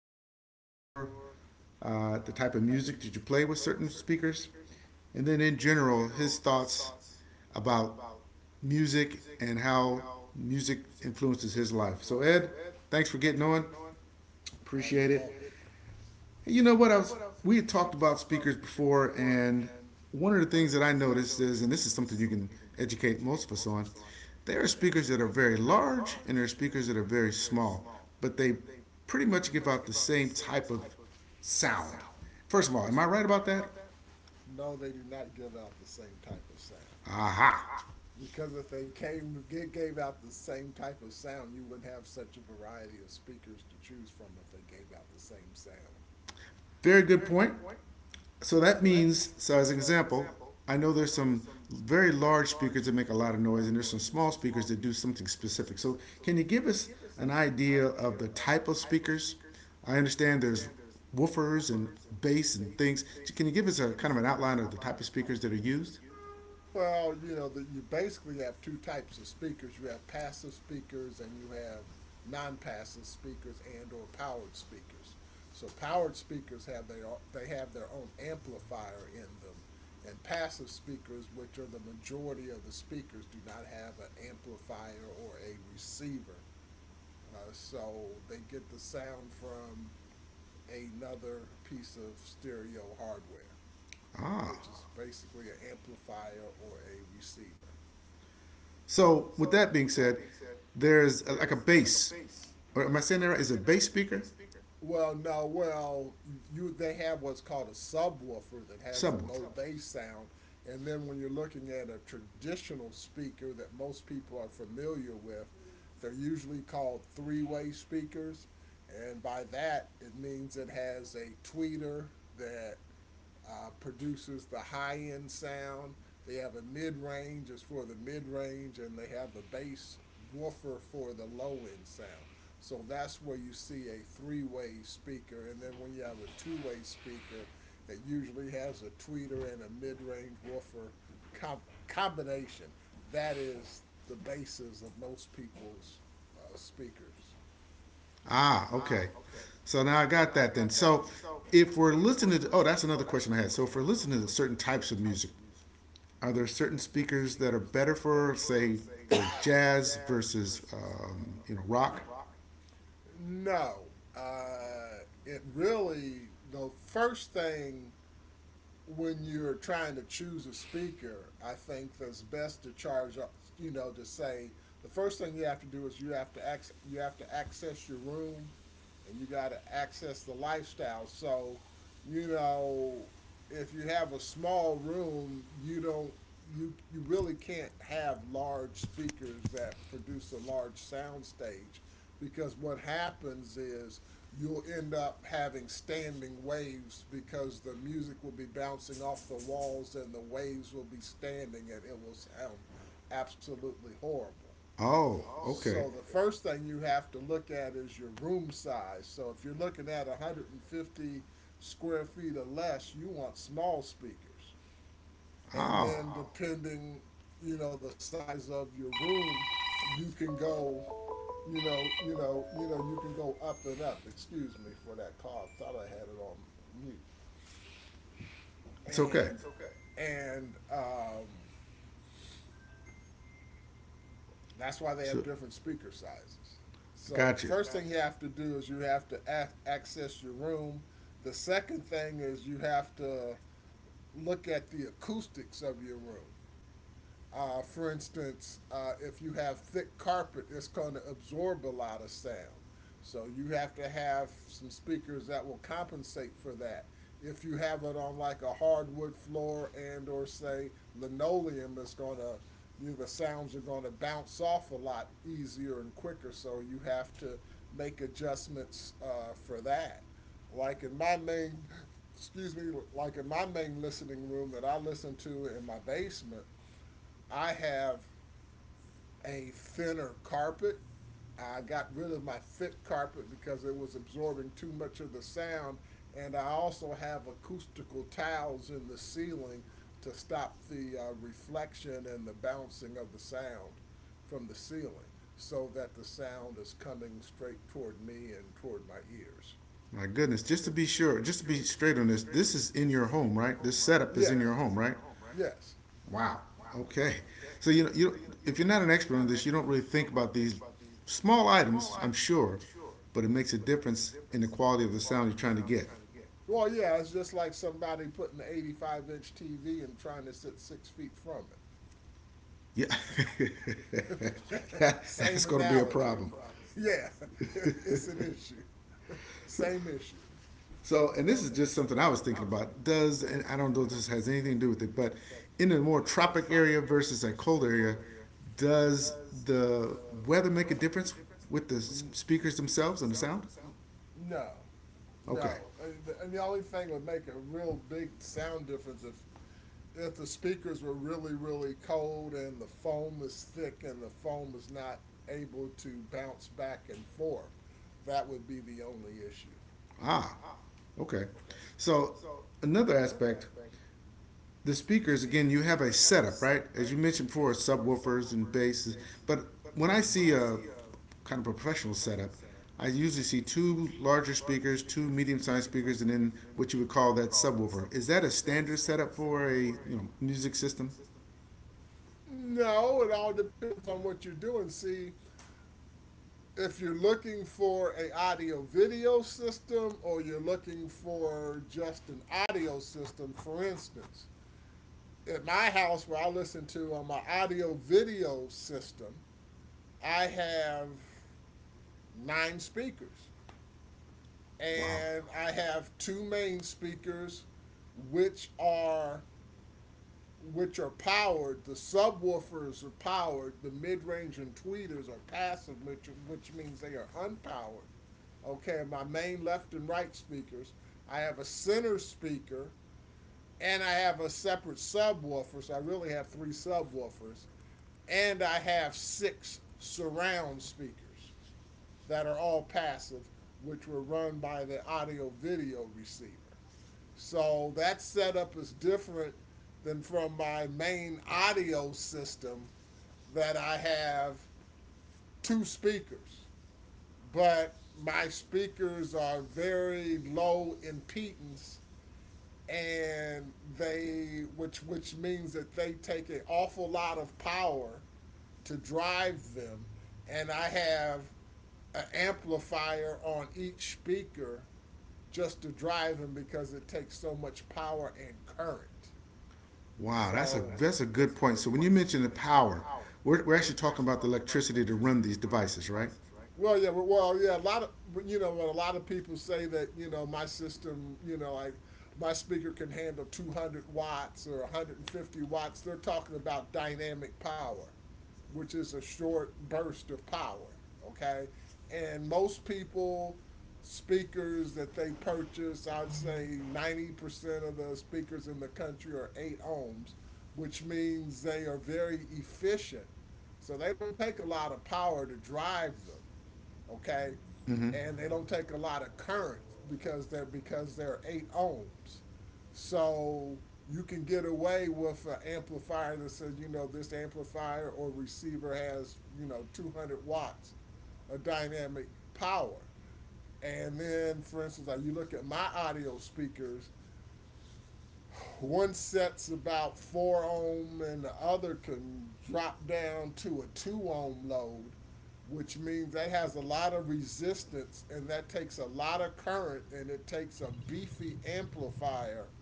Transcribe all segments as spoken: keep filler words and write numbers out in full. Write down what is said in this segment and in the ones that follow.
what they're used for, uh, the type of music that you play with certain speakers, and then in general, his thoughts about music and how music influences his life. So, Ed, thanks for getting on. Oh, Appreciate you're it. welcome. You know what? I was We had talked about speakers before, and one of the things that I noticed is, and this is something you can educate most of us on, there are speakers that are very large and there are speakers that are very small, but they pretty much give out the same type of sound. First of all, am I right about that? No, they do not give out the same type of sound. Aha. Because if they came gave out the same type of sound, you wouldn't have such a variety of speakers to choose from if they gave out the same sound. Very good point. So that means, so as an example, I know there's some very large speakers that make a lot of noise, and there's some small speakers that do something specific. So can you give us an idea of the type of speakers? I understand there's woofers and bass and things. Can you give us a kind of an outline of the type of speakers that are used? Well, you know that you basically have two types of speakers. You have passive speakers, and you have non-passive speakers and or powered speakers. So powered speakers have their they have their own amplifier in them, and passive speakers, which are the majority of the speakers, do not have an amplifier or a receiver. Uh, so they get the sound from another piece of stereo hardware, Ah, which is basically an amplifier or a receiver. so with that being said, there's uh, like a bass, or am I saying that right? Is it a bass speaker, Well, no, well, you they have what's called a subwoofer that has a subwoofer? low bass sound. And then when you're looking at a traditional speaker that most people are familiar with, they're usually called three-way speakers, and by that it means it has a tweeter that uh, produces the high end sound. They have a mid range is for the mid range, and they have a bass woofer for the low end sound. So that's where you see a three way speaker. And then when you have a two way speaker, it usually has a tweeter and a mid range woofer com- combination. That is the basis of most people's uh, speakers. Ah, okay. So now I got that then. So if we're listening to, oh, that's another question I had. So if we're listening to certain types of music, are there certain speakers that are better for, say, for jazz versus, um, you know, rock? No, uh, it really, the first thing when you're trying to choose a speaker, I think that's best to charge You know, to say the first thing you have to do is you have to ac- you have to access your room, and you got to access the lifestyle. So, you know, if you have a small room, you don't you you really can't have large speakers that produce a large sound stage, because what happens is you'll end up having standing waves because the music will be bouncing off the walls and the waves will be standing and it will sound absolutely horrible. Oh, okay. So the first thing you have to look at is your room size. So if you're looking at a hundred fifty square feet or less, you want small speakers. And Oh, then depending, you know, the size of your room, you can go, you know, you know, you know, you can go up and up. Excuse me for that call. I thought I had it on mute. it's okay. And and um That's why they have So, different speaker sizes. So the gotcha. first thing you have to do is you have to ac- access your room. The second thing is you have to look at the acoustics of your room. Uh, for instance, uh, if you have thick carpet, it's going to absorb a lot of sound. So you have to have some speakers that will compensate for that. If you have it on like a hardwood floor and or say linoleum, it's going to, you know, the sounds are going to bounce off a lot easier and quicker. So you have to make adjustments uh, for that. Like in my main, excuse me, like in my main listening room that I listen to in my basement, I have a thinner carpet. I got rid of my thick carpet because it was absorbing too much of the sound. And I also have acoustical tiles in the ceiling to stop the uh, reflection and the bouncing of the sound from the ceiling so that the sound is coming straight toward me and toward my ears. My goodness. Just to be sure, just to be straight on this, this is in your home, right? This setup is Yes. in your home, right? Yes. Wow. Okay. So you know, you if you're not an expert on this, you don't really think about these small items. I'm sure, but it makes a difference in the quality of the sound you're trying to get. Well, yeah, it's just like somebody putting an eighty-five inch T V and trying to sit six feet from Yeah, it. that, Same that's going to be a analogy. problem. Yeah, it's an issue. Same issue. So, and this is just something I was thinking about. Does and I don't know if this has anything to do with it, but in a more tropic area versus a cold area, does the weather make a difference with the speakers themselves and the sound? No, Okay. no. And the- and the only thing would make a real big sound difference if if the speakers were really really cold and the foam is thick and the foam is not able to bounce back and forth. That would be the only issue. Ah, okay. So another aspect, the speakers again, you have a setup, right? As you mentioned before, subwoofers and basses. But when I see a kind of a professional setup, I usually see two larger speakers, two medium-sized speakers, and then what you would call that subwoofer. Is that a standard setup for a you know music system? No, it all depends on what you're doing. See, if you're looking for a audio video system or you're looking for just an audio system, for instance at my house where I listen to on my audio video system, I have nine speakers Wow, and I have two main speakers which are which are powered. The subwoofers are powered, the mid range and tweeters are passive, which, which means they are unpowered. Okay, my main left and right speakers. I have a center speaker and I have a separate subwoofer, so I really have three subwoofers, and I have six surround speakers that are all passive, which were run by the audio video receiver. So that setup is different than from my main audio system that I have two speakers. But my speakers are very low impedance and they which which means that they take an awful lot of power to drive them, and I have an amplifier on each speaker just to drive them because it takes so much power and current. wow, So, that's a Wow, that's a good point. So when you mention the power, we're, we're actually talking about the electricity to run these devices, right? well, yeah, well, well, yeah, a lot of, you know, when a lot of people say that, you know, my system, you know, like my speaker can handle two hundred watts or a hundred fifty watts, they're talking about dynamic power, which is a short burst of power, okay? And most people speakers that they purchase, I'd say ninety percent of the speakers in the country are eight ohms, which means they are very efficient. So they don't take a lot of power to drive them, okay? Mm-hmm. And they don't take a lot of current because they're because they're eight ohms. So you can get away with an amplifier that says, you know, this amplifier or receiver has, you know, two hundred watts of dynamic power. And then, for instance, like you look at my audio speakers, one set's about four ohm, and the other can drop down to a two ohm load, which means that has a lot of resistance and that takes a lot of current and it takes a beefy amplifier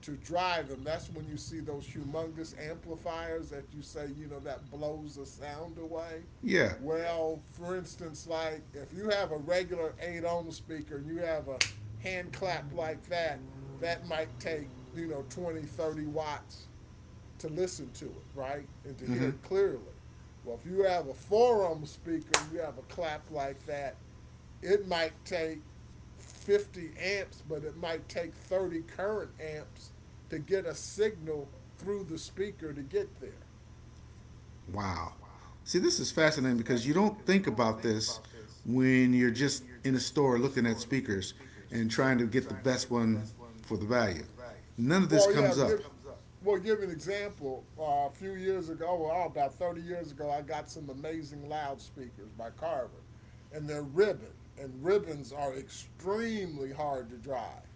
to drive them. That's when you see those humongous amplifiers that you say, you know, that blows the sound away. Yeah. Well, for instance, like if you have a regular eight ohm speaker and you have a hand clap like that, that might take, you know, twenty, thirty watts to listen to it, right? And to hear Mm-hmm. it clearly. Well, if you have a four ohm speaker and you have a clap like that, it might take fifty amps, but it might take thirty current amps to get a signal through the speaker to get there. Wow. See, this is fascinating because you don't think about this when you're just in a store looking at speakers and trying to get the best one for the value. None of this Well, yeah, comes up. give well give an example. Uh, a few years ago, well, oh, about thirty years ago, I got some amazing loudspeakers by Carver, and they're ribbon, and ribbons are extremely hard to drive,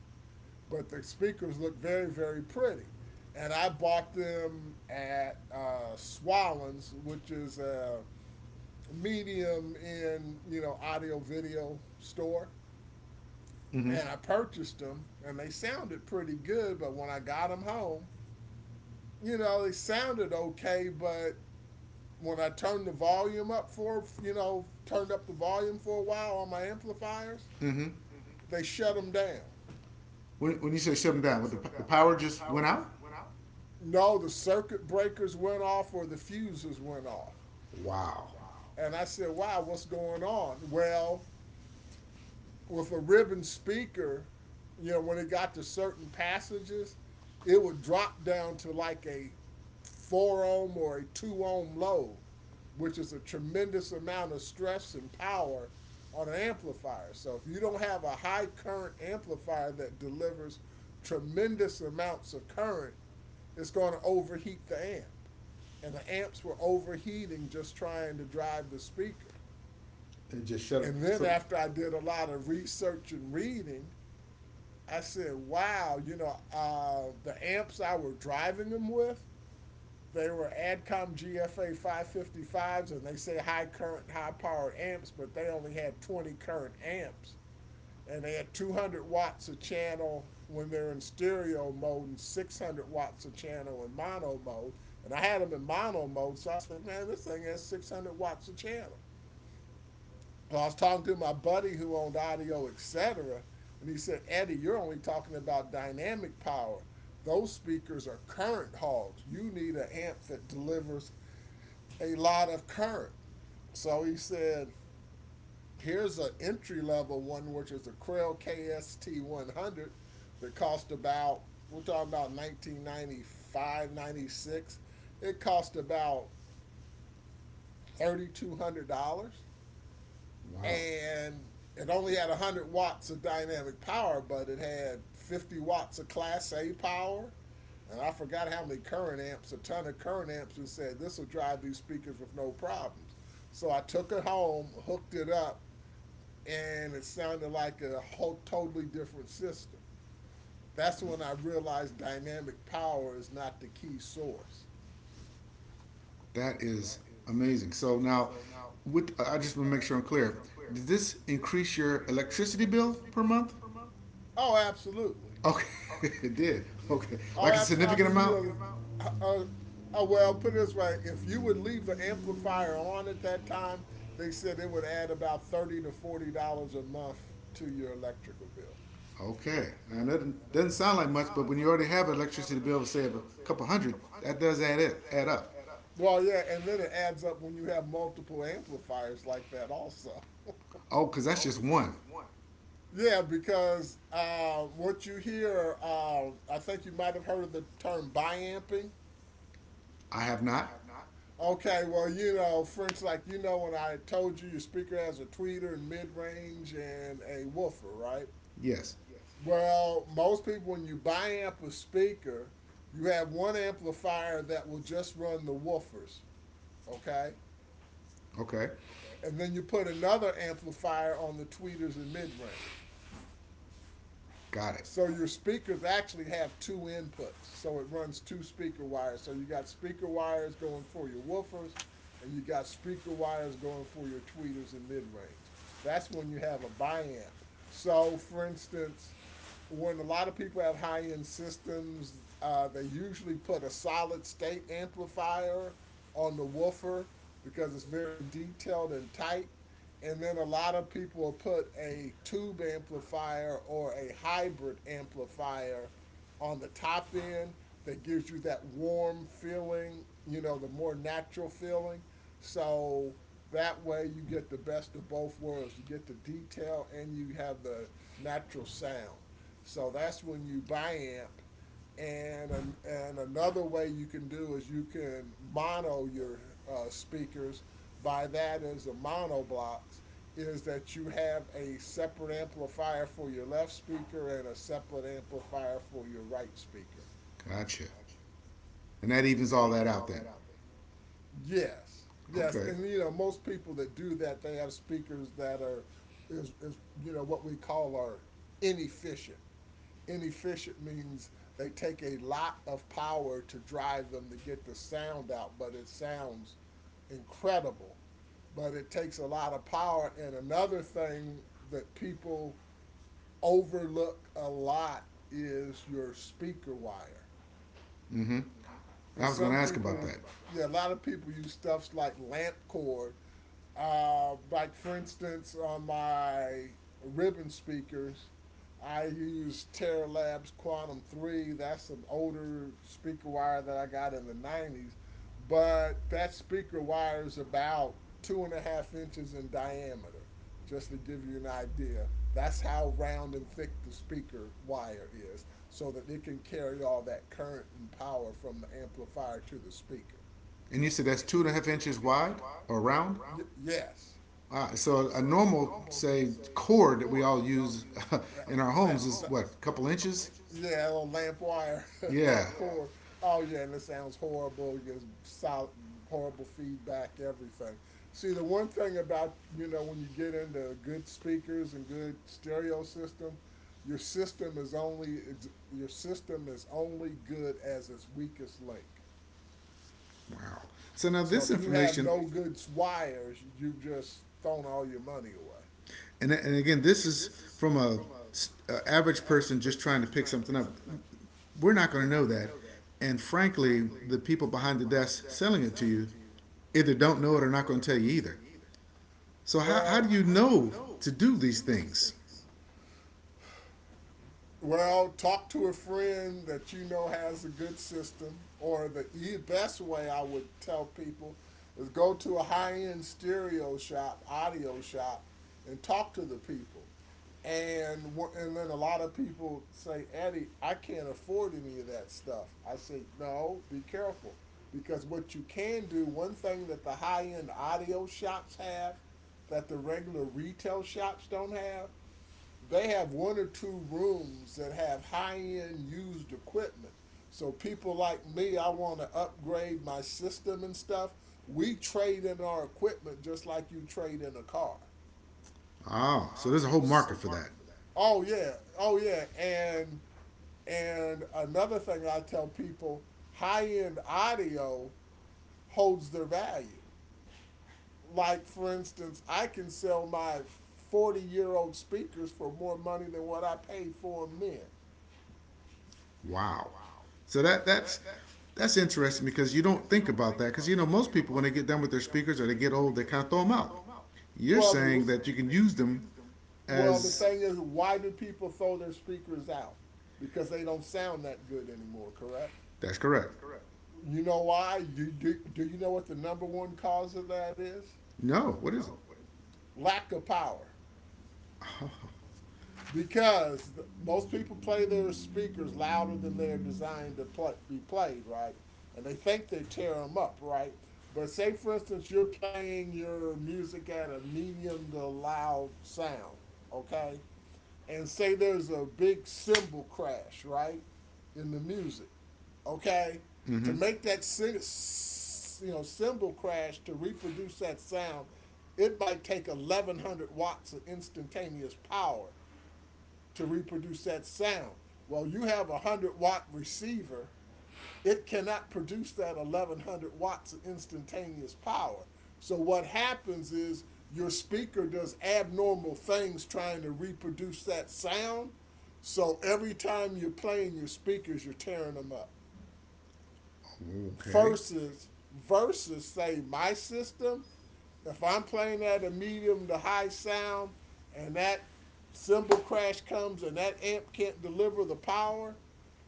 but the speakers look very, very pretty. And I bought them at uh, Swallens, which is a medium in, you know, audio video store, Mm-hmm. and I purchased them and they sounded pretty good, but when I got them home, you know, they sounded okay, but when I turned the volume up for you know turned up the volume for a while on my amplifiers, Mm-hmm. they shut them down. When, when you say shut them down, the, the power just went out? No, the circuit breakers went off or the fuses went off, Wow. and I said, wow, what's going on? Well, with a ribbon speaker, you know, when it got to certain passages, it would drop down to like a four ohm or a two ohm load, which is a tremendous amount of stress and power on an amplifier. So if you don't have a high current amplifier that delivers tremendous amounts of current, it's going to overheat the amp. And the amps were overheating just trying to drive the speaker. It just shut them. And then So, after I did a lot of research and reading, I said, wow, you know, uh, the amps I were driving them with, they were Adcom G F A five fifty-fives, and they say high current, high powered amps, but they only had twenty current amps. And they had two hundred watts a channel when they're in stereo mode and six hundred watts a channel in mono mode. And I had them in mono mode, so I said, man, this thing has six hundred watts a channel. Well, I was talking to my buddy who owned Audio Etc., and he said, Eddie, you're only talking about dynamic power. Those speakers are current hogs. You need an amp that delivers a lot of current. So he said, here's an entry level one, which is a Krell K S T one hundred that cost about, we're talking about nineteen ninety-five, ninety-six. It cost about thirty-two hundred dollars wow, and it only had a hundred watts of dynamic power, but it had fifty watts of Class A power. And I forgot how many current amps, a ton of current amps, and said this will drive these speakers with no problems. So I took it home, hooked it up, and it sounded like a whole totally different system. That's when I realized dynamic power is not the key source. that is amazing. So now, with I just want to make sure I'm clear. Did this increase your electricity bill per month? Oh, absolutely. Okay, it did. Okay, Oh, like a absolutely. I significant mean, you know, amount. amount? Uh, uh, well, put it this way: if you would leave the amplifier on at that time, they said it would add about thirty to forty dollars a month to your electrical bill. Okay, and it doesn't sound like much, but when you already have an electricity bill of say of a couple hundred, that does add it add up. Well, yeah, and then it adds up when you have multiple amplifiers like that, also. Oh, because that's just one. Yeah, because uh, what you hear, uh, I think you might have heard of the term biamping. I have not. Okay, well, you know, French, like, you know, when I told you your speaker has a tweeter and mid range and a woofer, right? Yes. Well, most people, when you buy amp a speaker, you have one amplifier that will just run the woofers, okay? Okay, And then you put another amplifier on the tweeters and mid range. got it. So your speakers actually have two inputs. So it runs two speaker wires. So you got speaker wires going for your woofers, and you got speaker wires going for your tweeters and mid range. That's when you have a biamp. So, for instance, when a lot of people have high end systems, uh, they usually put a solid state amplifier on the woofer because it's very detailed and tight. And then a lot of people will put a tube amplifier or a hybrid amplifier on the top end that gives you that warm feeling, you know, the more natural feeling. So that way you get the best of both worlds. You get the detail and you have the natural sound. So that's when you biamp. And, an, and another way you can do is you can mono your uh, speakers. By that is a mono blocks is that you have a separate amplifier for your left speaker and a separate amplifier for your right speaker. Gotcha. And that evens all that out then. Yes, yes, Okay. and you know most people that do that they have speakers that are is is you know what we call are inefficient. Inefficient means they take a lot of power to drive them to get the sound out, but it sounds incredible. But it takes a lot of power. And another thing that people overlook a lot is your speaker wire. I Because was going some to ask people, about that. yeah, a lot of people use stuffs like lamp cord, uh, like for instance, on my ribbon speakers, I use Terra Labs Quantum Three. That's an older speaker wire that I got in the nineties, but that speaker wire is about two and a half inches in diameter. Just to give you an idea, that's how round and thick the speaker wire is, so that it can carry all that current and power from the amplifier to the speaker. And you said that's two and a half inches wide or round. Y- Yes. Uh, so a normal, say, cord that we all use that, in our that- that, homes is what, a couple inches? Yeah, that little lamp wire, lamp Yeah. cord. Oh yeah, and it sounds horrible. It gives solid, horrible feedback. Everything. See, the one thing about you know when you get into good speakers and good stereo system, your system is only your system is only good as its weakest link. Wow. So now So this if you have information, no good wires, you've just thrown all your money away. and and again, this is from a a average person just trying to pick something up. We're not going to know that, and frankly, the people behind the desk selling it to you either don't know it or not going to tell you either. So how Well, how do you know to do these things? Well, talk to a friend that you know has a good system, or the e- best way I would tell people is go to a high end stereo shop, audio shop, and talk to the people. And wha- and then a lot of people say, Eddie, I can't afford any of that stuff. I say, no, be careful. Because what you can do, one thing that the high end audio shops have that the regular retail shops don't have, they have one or two rooms that have high end used equipment. So people like me, I want to upgrade my system and stuff. We trade in our equipment just like you trade in a car. Oh, so there's a whole market for that. Oh yeah, oh yeah, and and another thing I tell people, high end audio holds their value. Like for instance, I can sell my forty year old speakers for more money than what I paid for them then. Wow. So that that's that's interesting because you don't think about that because you know most people when they get done with their speakers or they get old they kind of throw them out. You're Well, the saying that you can use them Well, the as thing is, why do people throw their speakers out? Because they don't sound that good anymore, correct? that's correct. You know why? You, do, do you know what the number one cause of that is? No, what is it? Lack of power. Because the, most people play their speakers louder than they're designed to play, be played, right? And they think they tear them up, right? But say, for instance, you're playing your music at a medium to loud sound, okay? And say there's a big cymbal crash, right, in the music, okay? To Mm-hmm. make that you know cymbal crash to reproduce that sound, it might take eleven hundred watts of instantaneous power to reproduce that sound. Well, you have a one hundred watt receiver, it cannot produce that eleven hundred watts of instantaneous power. So what happens is your speaker does abnormal things trying to reproduce that sound. So every time you're playing your speakers, you're tearing them up. Okay. Versus versus say my system, if I'm playing at a medium to high sound and that cymbal crash comes and that amp can't deliver the power,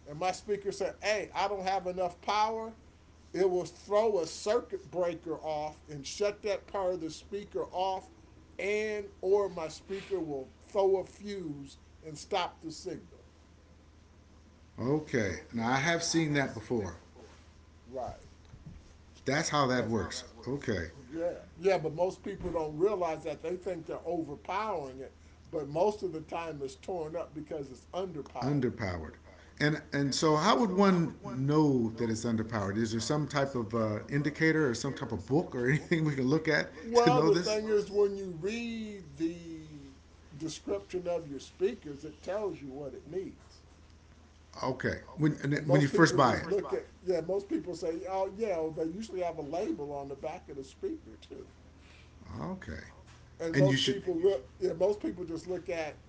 and my speaker said, Hey, I don't have enough power, it will throw a circuit breaker off and shut that part of the speaker off, and or my speaker will throw a fuse and stop the signal. Okay. Now I have seen that before. Right. That's how that That's works. Okay. Yeah, yeah, but most people don't realize that they think they're overpowering it, but most of the time it's torn up because it's underpowered. Underpowered. And and so how would one know that it's underpowered? Is there some type of uh, indicator or some type of book or anything we can look at to Well, know the this? thing is, when you read the description of your speakers, it tells you what it needs. Okay. When And when you most first people buy just it. look at, yeah, most people say, oh, yeah, well, they usually have a label on the back of the speaker, too. Okay. And And you most should. people look, yeah, most people just look at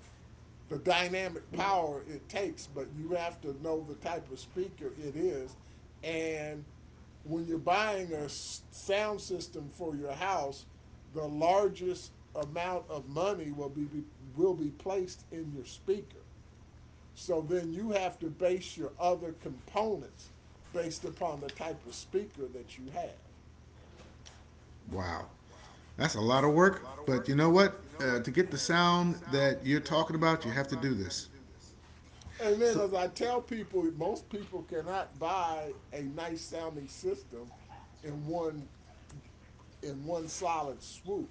the dynamic power it takes, but you have to know the type of speaker it is. And when you're buying a sound system for your house, the largest amount of money will be, be will be placed in your speaker. So then you have to base your other components based upon the type of speaker that you have. Wow. That's a lot of work. But you know what? Uh, to get the sound that you're talking about, you have to do this. And then So as I tell people, most people cannot buy a nice sounding system in one in one solid swoop.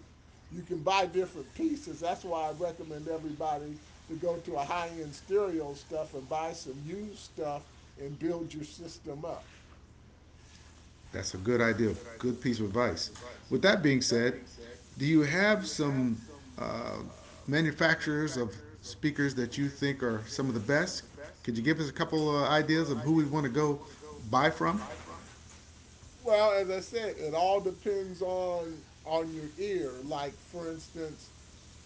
You can buy different pieces. That's why I recommend everybody to go to a high end stereo stuff and buy some used stuff and build your system up. that's a good idea. Good piece of advice. With that being said, do you have some uh, manufacturers of speakers that you think are some of the best? Could you give us a couple uh, ideas of who we want to go buy from? Well, as I said, it all depends on on your ear. Like for instance,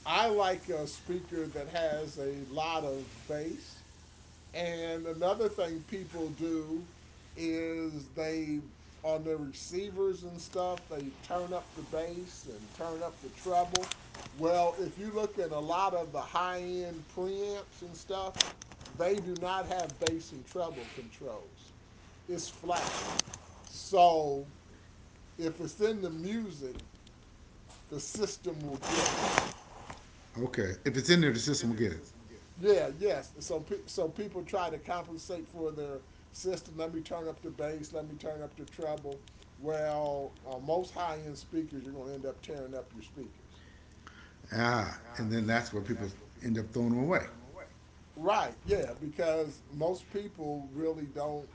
I like a speaker that has a lot of bass. And another thing people do is they on their receivers and stuff, they turn up the bass and turn up the treble. Well, if you look at a lot of the high end preamps and stuff, they do not have bass and treble controls. It's flat. So if it's in the music, the system will get it. Okay. If it's in there, the system will get it. Yeah, yes. So so people try to compensate for their system. Let me turn up the bass. Let me turn up the treble. Well, on most high end speakers, you're going to end up tearing up your speakers. Ah, and then that's where people end up throwing them away. Right? Yeah, because most people really don't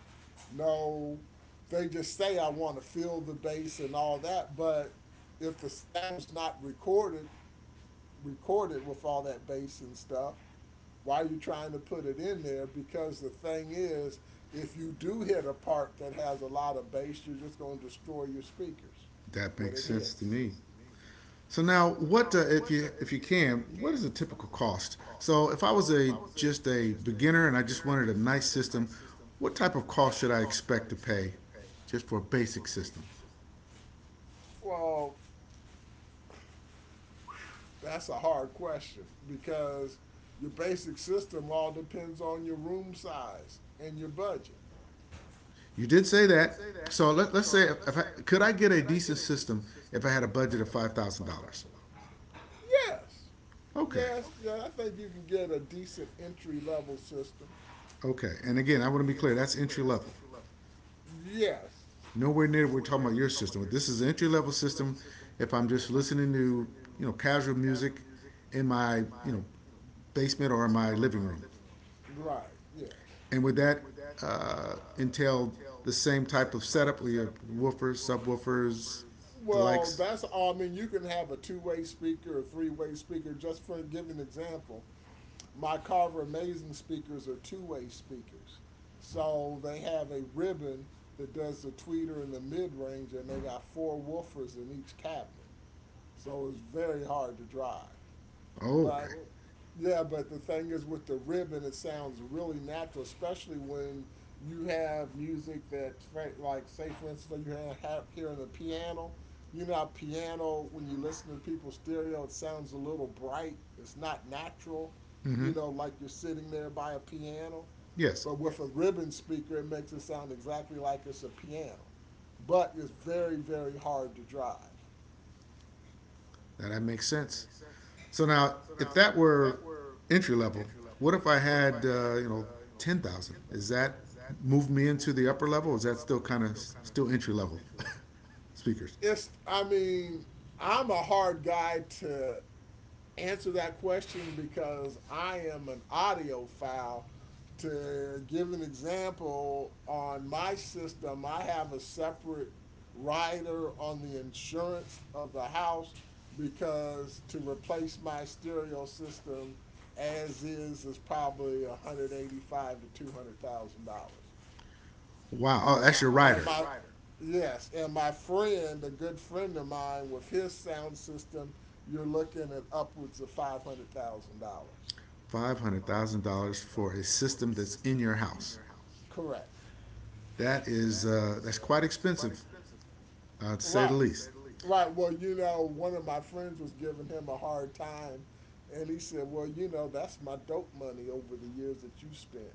know. They just say I want to feel the bass and all that, but if the sound's not recorded recorded with all that bass and stuff, why are you trying to put it in there? Because the thing is, if you do hit a part that has a lot of bass, you're just going to destroy your speakers That when makes it sense to hits. me. Makes So now, what uh, if you if you can? What is a typical cost? So if I was a just a beginner and I just wanted a nice system, what type of cost should I expect to pay, just for a basic system? Well, that's a hard question because your basic system all depends on your room size and your budget. You did say that. So let, let's say if I, could I get a decent system if I had a budget of five thousand dollars? Yes. Okay, Yes, okay, yeah, I think you can get a decent entry level system. okay. And again, I want to be clear. That's entry level. Yes. Nowhere near we're talking about your system. This is an entry level system. If I'm just listening to you know casual music in my you know basement or in my living room, Right. Yes. and would that uh, entail the same type of setup with your woofers, subwoofers, the Well, likes? that's all. I mean, you can have a two-way speaker or three-way speaker. Just for give an example, my Carver Amazing speakers are two-way speakers. So they have a ribbon that does the tweeter and the mid-range, and they got four woofers in each cabinet. So it's very hard to drive. Oh, But okay. oh, Okay, yeah, but the thing is with the ribbon, it sounds really natural, especially when you have music that, like, say for instance, like you have hearing the piano. You know, piano when you listen to people's stereo, it sounds a little bright. It's not natural. You know, like you're sitting there by a piano. Yes, But with a ribbon speaker, it makes it sound exactly like it's a piano. But it's very, very hard to drive. now that makes sense. So now, if that were entry level, what if I had uh, you know ten thousand? Is that move me into the upper level? Or is that still kind of still entry level? speakers. It's, I mean, I'm a hard guy to answer that question because I am an audiophile. To give an example, on my system, I have a separate rider on the insurance of the house because to replace my stereo system as is is probably one hundred eighty-five to two hundred thousand dollars Wow. Oh, that's your and rider. my- Yes, and my friend, a good friend of mine, with his sound system, you're looking at upwards of five hundred thousand dollars. Five hundred thousand dollars for a system that's in your house. Correct. That is uh, that's quite expensive, uh, to say the Right. least. Right. Well, you know, one of my friends was giving him a hard time, and he said, "Well, you know, that's my dope money over the years that you spent."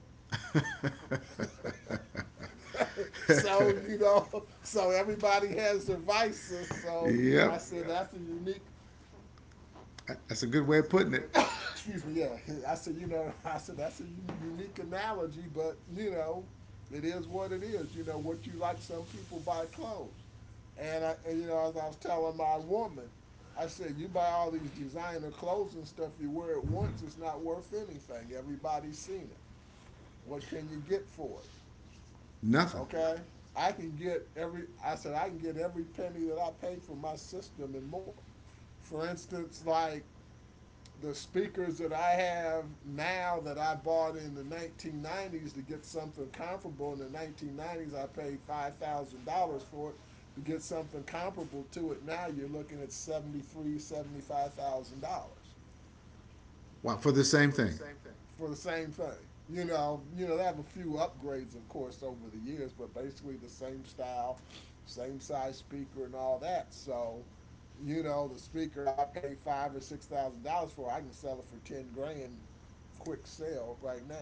so you know, so everybody has their vices. So I Yep, said, "That's a unique..." that's a good way of putting it. Excuse me, yeah. I said, you know, I said that's a unique analogy, but you know, it is what it is. You know, what you like, some people buy clothes, and I, and, you know, as I was telling my woman, I said, you buy all these designer clothes and stuff, you wear it once, it's not worth anything. Everybody's seen it. What can you get for it? Nothing. Okay, I can get every. I said I can get every penny that I pay for my system and more. For instance, like the speakers that I have now that I bought in the nineteen nineties, to get something comparable in the nineteen nineties, I paid five thousand dollars for it. To get something comparable to it now, you're looking at seventy three, seventy five thousand dollars Wow, for the same thing. for the same thing. You know, you know, they have a few upgrades, of course, over the years, but basically the same style, same size speaker, and all that. So, you know, the speaker I paid five or six thousand dollars for, I can sell it for ten grand, quick sale right now.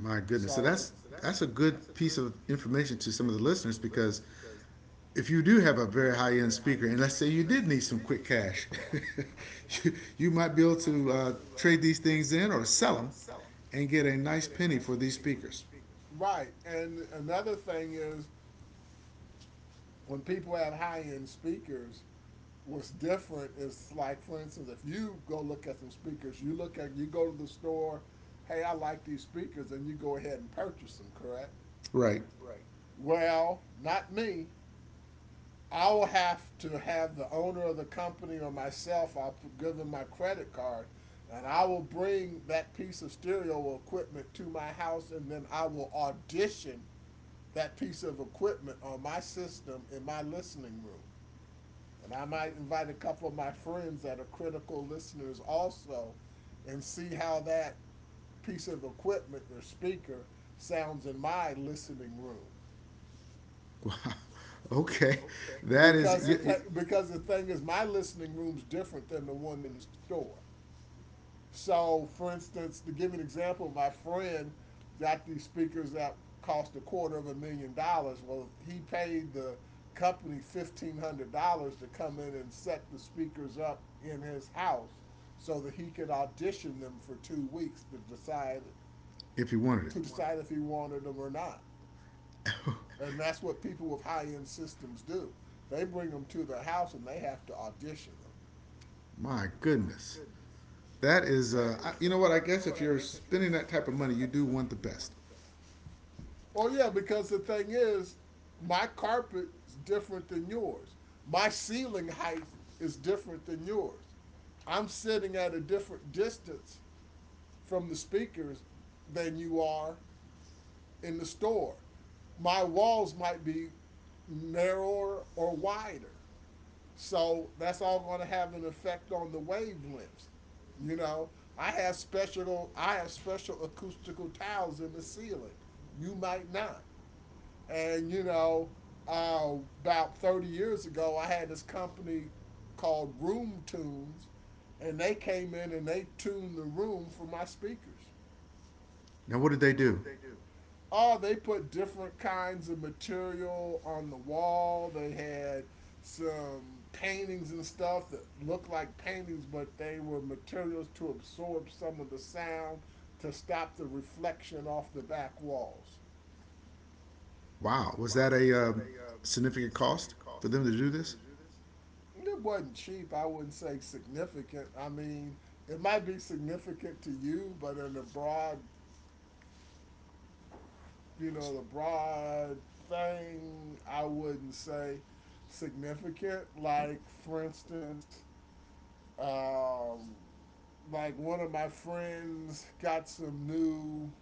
My goodness. So So, that's that's a good piece of information to some of the listeners because if you do have a very high end speaker, and let's say you did need some quick cash, you, you might be able to uh, trade these things in or sell them and get a nice penny for these speakers. right, and another thing is, when people have high end speakers, what's different is, like, for instance, if you go look at some speakers, you look at, you go to the store, hey, I like these speakers, and you go ahead and purchase them, correct? Right. Well, not me. I will have to have the owner of the company or myself, I'll give them my credit card, and I will bring that piece of stereo equipment to my house, and then I will audition that piece of equipment on my system in my listening room. And I might invite a couple of my friends that are critical listeners also and see how that piece of equipment or speaker sounds in my listening room. Wow. Okay. That is, Because you, the, you, th- because the thing is, my listening room's different than the one in the store. So, for instance, to give an example, my friend got these speakers that cost a quarter of a million dollars. Well, he paid the company fifteen hundred dollars to come in and set the speakers up in his house so that he could audition them for two weeks to decide if you wanted it. to decide if he wanted them or not. And that's what people with high end systems do. They bring them to their house and they have to audition them. My goodness. That is, uh, I- you know what? I guess if you're spending that type of money, you do want the best. Oh yeah, because the thing is, my carpet's different than yours. My ceiling height is different than yours. I'm sitting at a different distance from the speakers than you are in the store. My walls might be narrower or wider. So that's all going to have an effect on the wavelengths. You know, I have special I have special acoustical tiles in the ceiling. You might not. And you know, uh, about thirty years ago, I had this company called Room Tunes, and they came in and they tuned the room for my speakers. Now, what did they do? Oh, they put different kinds of material on the wall. They had some paintings and stuff that looked like paintings, but they were materials to absorb some of the sound, to stop the reflection off the back walls. Wow. Was that a um, significant cost for them to do this? It wasn't cheap. I wouldn't say significant. I mean, it might be significant to you, but in the broad, you know, the broad thing, I wouldn't say significant. Oh, Like, for instance, um, like one of my friends got some new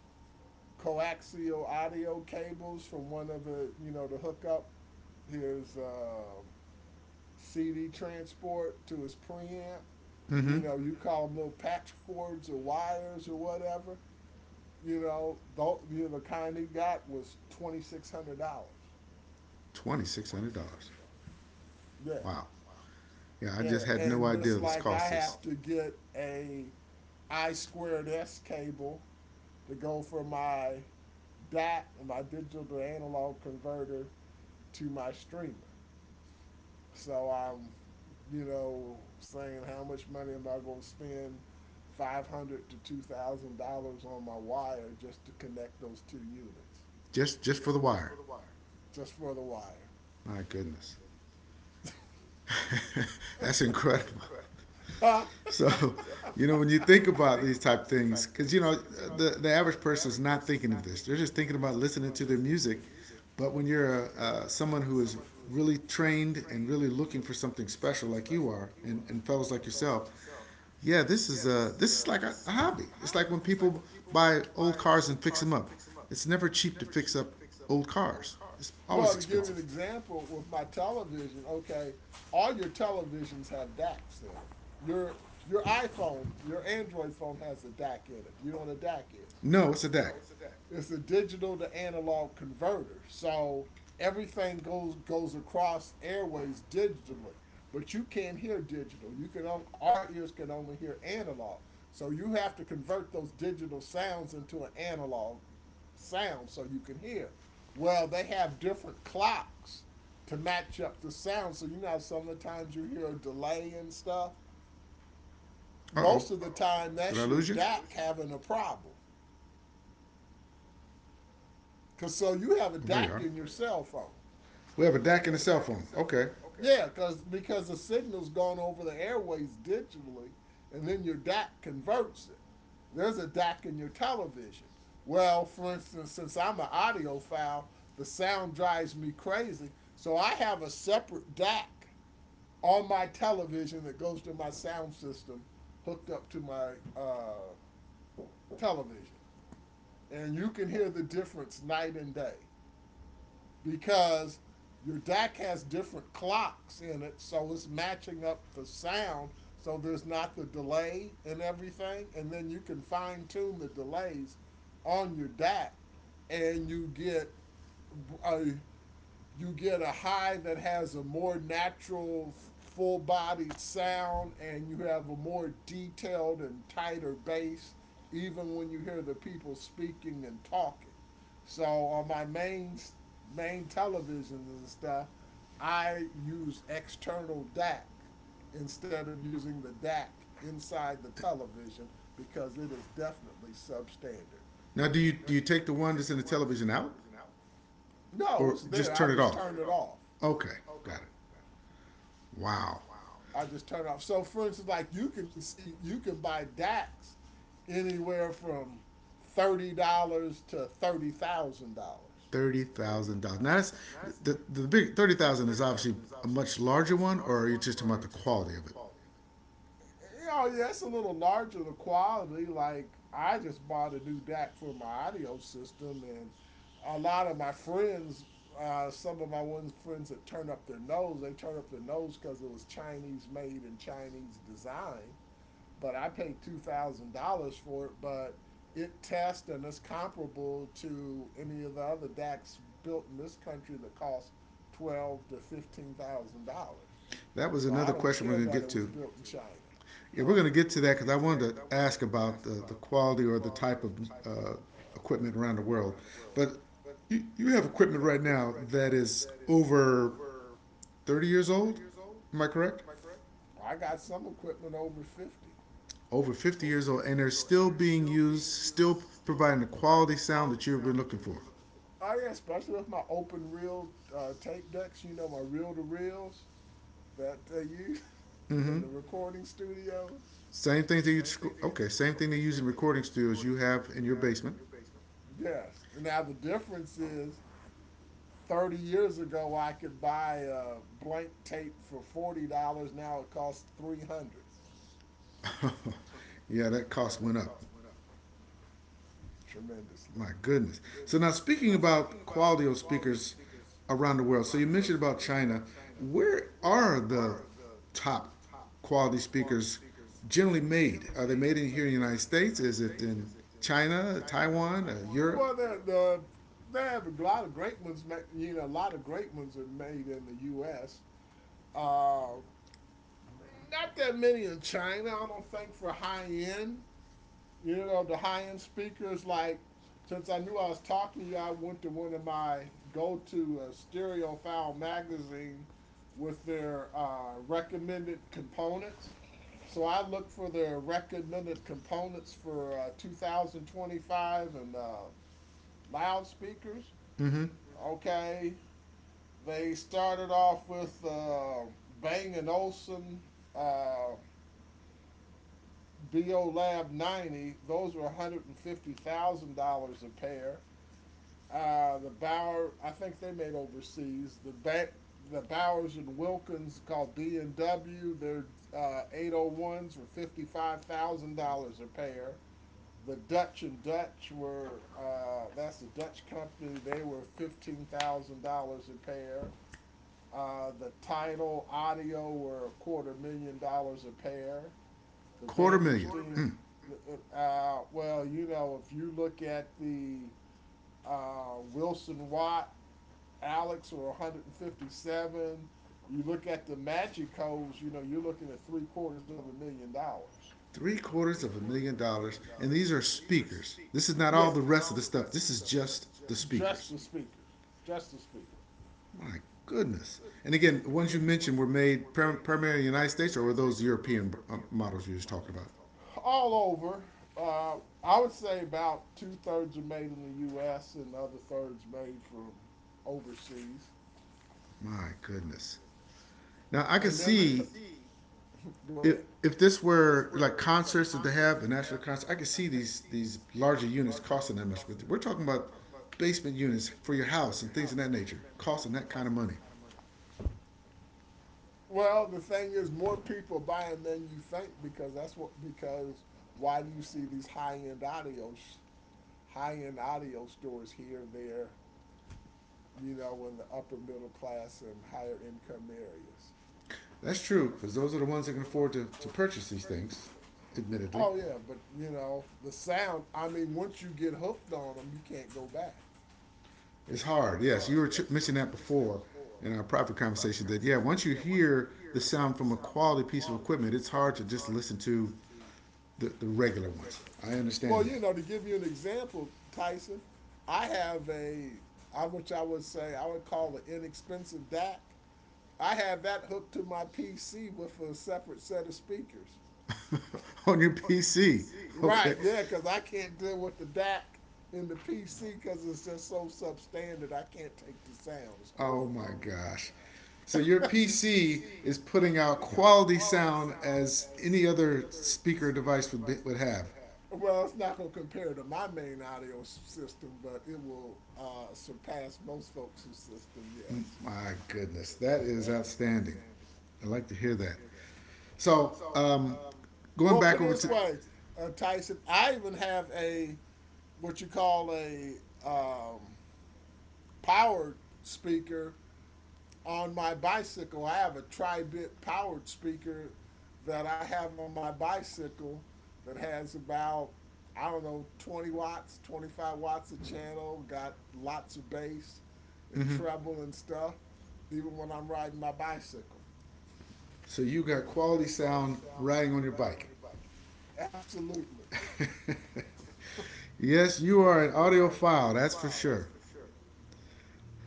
coaxial audio cables from one of the, you know, the hookup. Here's um, C D transport to his preamp. You know, you call them little patch cords or wires or whatever. You know, the, you know, the kind he got was twenty six hundred dollars. twenty-six hundred dollars. Yeah, Wow. Yeah, I yeah, just had no and idea just this like I cost us. have to get a I squared S cable to go from my D A C, my digital to analog converter, to my streamer. So I'm, you know, saying, how much money am I going to spend? Five hundred dollars to two thousand dollars on my wire just to connect those two units, Just, just for the wire. just for the wire. My goodness. That's incredible. Well, So, you know, when you think about these type of things, because you know the the average person is not thinking of this; they're just thinking about listening to their music. But when you're a, uh, someone who is really trained and really looking for something special, like you are, and, and fellows like yourself, yeah, this is a this is like a, a hobby. It's like when people buy old cars and fix them up. It's never cheap to fix up old cars. It's always to give an expensive. example, with my television, okay, all your televisions have D A Cs in them. Your your iPhone, your Android phone has a D A C in it. Do you know what a D A C is? No, it's a DAC. It's a digital to analog converter. So everything goes goes across airways digitally. But you can't hear digital. You can on, our ears can only hear analog. So you have to convert those digital sounds into an analog sound so you can hear. Well, they have different clocks to match up the sound. So you know, some of the times you hear a delay and stuff. Uh oh, Most of the time did that's I your lose you? D A C having a problem. Cause so you have a Well, there you D A C are. in your cell phone. We have a DAC and a cell phone. Okay. Yeah, cause, because the signal's gone over the airways digitally, and then your D A C converts it. There's a D A C in your television. Well, for instance, since I'm an audiophile, the sound drives me crazy. So I have a separate D A C on my television that goes to my sound system hooked up to my uh, television. And you can hear the difference night and day because your D A C has different clocks in it, so it's matching up the sound, so there's not the delay and everything, and then you can fine tune the delays on your D A C, and you get a you get a high that has a more natural, full bodied sound, and you have a more detailed and tighter bass, even when you hear the people speaking and talking. So on my main main televisions and stuff, I use external D A C instead of using the D A C inside the television because it is definitely substandard. Now, do you do you take the one that's in the television out, No, or it's there. just I turn it just off? turn it off. Okay, got it. Wow, I just turn off. So for instance, like you can see, you can buy D A X anywhere from thirty dollars to thirty thousand dollars. thirty thousand dollars. Now that's the the big thirty thousand is obviously a much larger one, or are you just talking about the quality of it? You know, yeah, it's a little larger, the quality. Like I just bought a new D A C for my audio system, and a lot of my friends, uh, some of my ones friends that turn up their nose, they turn up their nose because it was Chinese made and Chinese design. But I paid two thousand dollars for it, but it tests and it's comparable to any of the other D A Cs built in this country that cost twelve thousand to fifteen thousand dollars. That was So I another don't question we're care going to that get it was to. built in China. Yeah, we're Huh? going to get to that because I wanted to ask about the, the quality or the type of uh, equipment around the world. But you, you have equipment right now that is over thirty years old. Am I correct? I got some equipment over fifty. Over fifty years old, and they're still being used, still providing the quality sound that you've been looking for. Oh yeah, especially with my open reel uh, tape decks, you know, my reel to reels that they use in Mm-hmm. the recording studios. Same thing that you okay, same thing they use in recording studios you have in your basement. Yes. Now the difference is, thirty years ago I could buy a blank tape for forty dollars. Now it costs three hundred, Yeah, that cost went up. tremendously. My goodness. So now speaking about quality of speakers around the world. So you mentioned about China. Where are the top quality speakers generally made? Are they made in here in the United States? Is it in China, Taiwan, uh, Europe? Well, the, they have a lot of great ones, you know, a lot of great ones are made in the U S. Uh, Not that many in China, I don't think, for high end, you know, the high end speakers. Like, since I knew I was talking to you, I went to one of my go to uh, Stereo File magazine with their uh, recommended components. So I looked for their recommended components for uh, two thousand twenty-five, and uh, loudspeakers. Mm-hmm. Okay, they started off with uh, Bang and Olufsen, uh, B O Lab ninety, those were a hundred fifty thousand dollars a pair. Uh, the Bauer, I think they made overseas. The ba- the Bowers and Wilkins called B and W. Their uh, eight oh ones were fifty-five thousand dollars a pair. The Dutch and Dutch were uh, that's the Dutch company. They were fifteen thousand dollars a pair. Uh, the Tidal audio were a quarter million dollars a pair, the Quarter million. Vandersteen. Uh, uh, well, you know, if you look at the uh, Wilson Watt, Alex, or one hundred fifty-seven, you look at the Magicos, you know, you're looking at three quarters of a million dollars. Three quarters of a million dollars, and these are speakers. This is not all Yeah. the rest of the stuff. This is just the Just speakers. the speakers. Speakers. Just the speaker. My goodness. And again, the ones you mentioned were made primarily in the United States, or were those European uh, models you were just talking about? All over, uh, I would say about two thirds are made in the U S and the other thirds made from overseas. My goodness. Now I could And then the th- see can Go if ahead. if this were like concerts that they have, the national concerts, I could see these these larger units costing that much. But we're talking about basement units for your house and things of that nature, costing that kind of money. Well, the thing is, more people buying than you think, because that's what, because why do you see these high end audio high end audio stores here there, you know, in the upper middle class and higher income areas. That's true, because those are the ones that can afford to, to purchase these things, admittedly. Oh yeah, but you know the sound. I mean, once you get hooked on them, you can't go back. It's hard. Yes, you were ch- mentioning that before in our private conversation that, yeah, once you hear the sound from a quality piece of equipment, it's hard to just listen to the, the regular ones. I Well, understand you that. know, to give you an example, Tyson, I have a I, which I would say I would call an inexpensive D A C, I have that hooked to my P C with a separate set of speakers. On your P C. Okay. Right, yeah, because I can't deal with the D A C in the P C because it's just so substandard. I can't take the sound. It's Oh my horrible. gosh. So your P C is putting out quality sound as any other speaker device would, be, would have. have. Well, it's not going to compare to my main audio system, but it will uh, surpass most folks' system, yes. My goodness, that is outstanding. I like to hear that. So, um, going Well, back put it over this to, way, uh, Tyson, I even have a what you call a um, powered speaker on my bicycle. I have a tri-bit powered speaker that I have on my bicycle that has about I don't know twenty watts, twenty-five watts a channel, got lots of bass and hmm treble and stuff even when I'm riding my bicycle. so you got quality sound riding on your bike. Absolutely. Yes, you are an audiophile, that's for sure.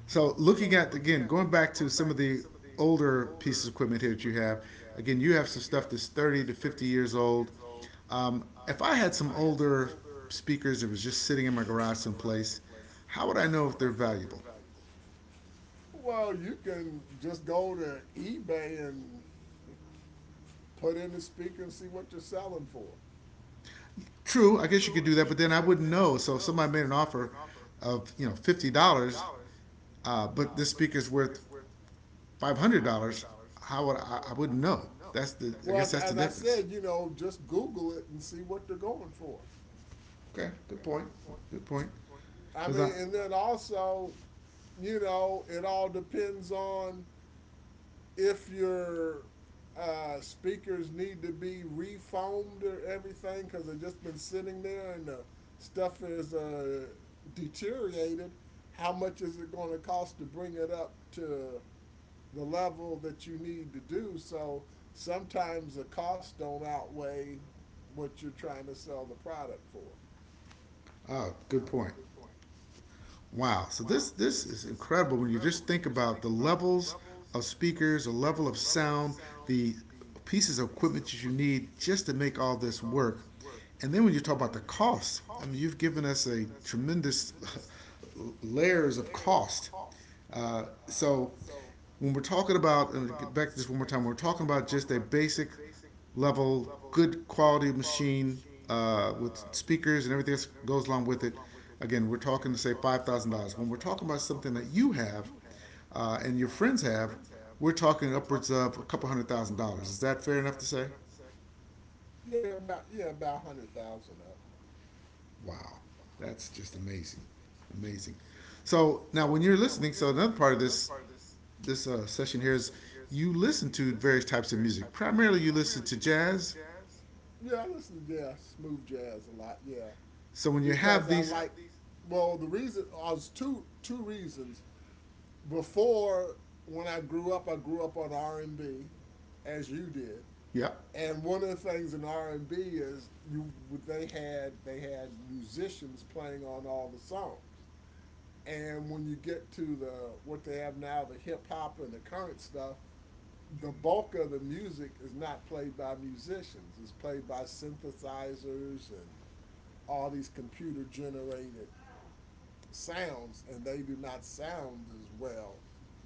So, looking at again, going back to some of the older pieces of equipment here that you have. Again, you have some stuff that's thirty to fifty years old. Um, if I had some older speakers that was just sitting in my garage someplace, how would I know if they're valuable? Well, you can just go to eBay and put in the speaker and see what you're selling for. True, I guess you could do that, but then I wouldn't know. So if somebody made an offer of you know fifty dollars, uh, but this speaker's worth five hundred dollars, how would I, I wouldn't know? That's the I Well, guess as, that's the as I difference. said, you know, just Google it and see what they're going for. Okay, good point. Good point. I Because mean, I, and then also, you know, it all depends on if your uh, speakers need to be refoamed or everything because they've just been sitting there and the stuff is uh, deteriorated. How much is it going to cost to bring it up to the level that you need to do. So sometimes the costs don't outweigh what you're trying to sell the product for. Oh, good point. Wow. So this this is incredible when you just think about the levels of speakers, the level of sound, the pieces of equipment that you need just to make all this work. And then when you talk about the cost, I mean, you've given us a tremendous layers of cost. Uh, so when we're talking about, and get back to this one more time, we're talking about just a basic level, good quality machine uh, with speakers and everything else goes along with it. Again, we're talking to say five thousand dollars. When we're talking about something that you have uh, and your friends have, we're talking upwards of a couple hundred thousand dollars. Is that fair enough to say? Yeah, about yeah, about one hundred thousand up. Wow, that's just amazing, amazing. So now, when you're listening, so another part of this this uh, session here is you listen to various types of music. Primarily, you listen to jazz. Yeah, I listen to yeah, smooth jazz a lot. Yeah, So when you because have I these, like. Well, the reason I was two two reasons. Before when I grew up, I grew up on R and B, as you did. yep, And one of the things in R and B is you they had they had musicians playing on all the songs. And when you get to the what they have now, the hip hop and the current stuff, the bulk of the music is not played by musicians. It's played by synthesizers and all these computer generated sounds, and they do not sound as well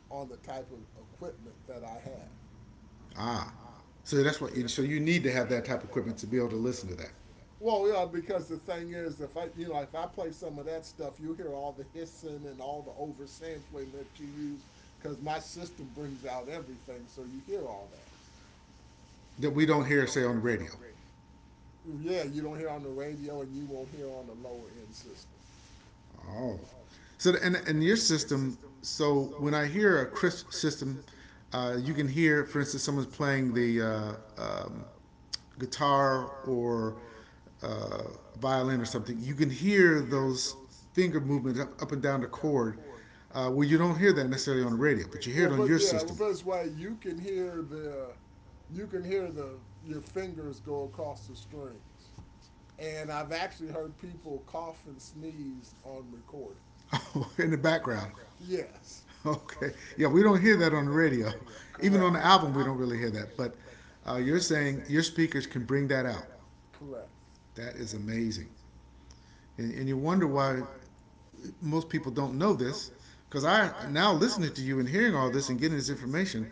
on the type of equipment that I have. ah, so that's what. You, so you need to have that type of equipment to be able to listen to that Well, yeah, because the thing is, if I, you know, if I play some of that stuff, you'll hear all the hissing and all the oversampling that you use, because my system brings out everything, so you hear all that. that we don't hear, say, on the radio. Yeah, you don't hear on the radio, and you won't hear on the lower end system. Oh, so the- and and your system. So when I hear a crisp system, uh, you can hear, for instance, someone's playing the uh, um, guitar or uh, violin or something. You can hear those finger movements up, up and down the chord. Uh, well, you don't hear that necessarily on the radio, but you hear it Well, on but your yeah, well, system. that's why you can hear the, you can hear the your fingers go across the strings, and I've actually heard people cough and sneeze on recordings. In Oh, the background. yes, Okay, yeah, we don't hear that on the radio. Even on correct, the album, we don't really hear that. But uh, you're saying your speakers can bring that out. correct. That is amazing. And, and you wonder why most people don't know this. Because I, now listening to you and hearing all this and getting this information,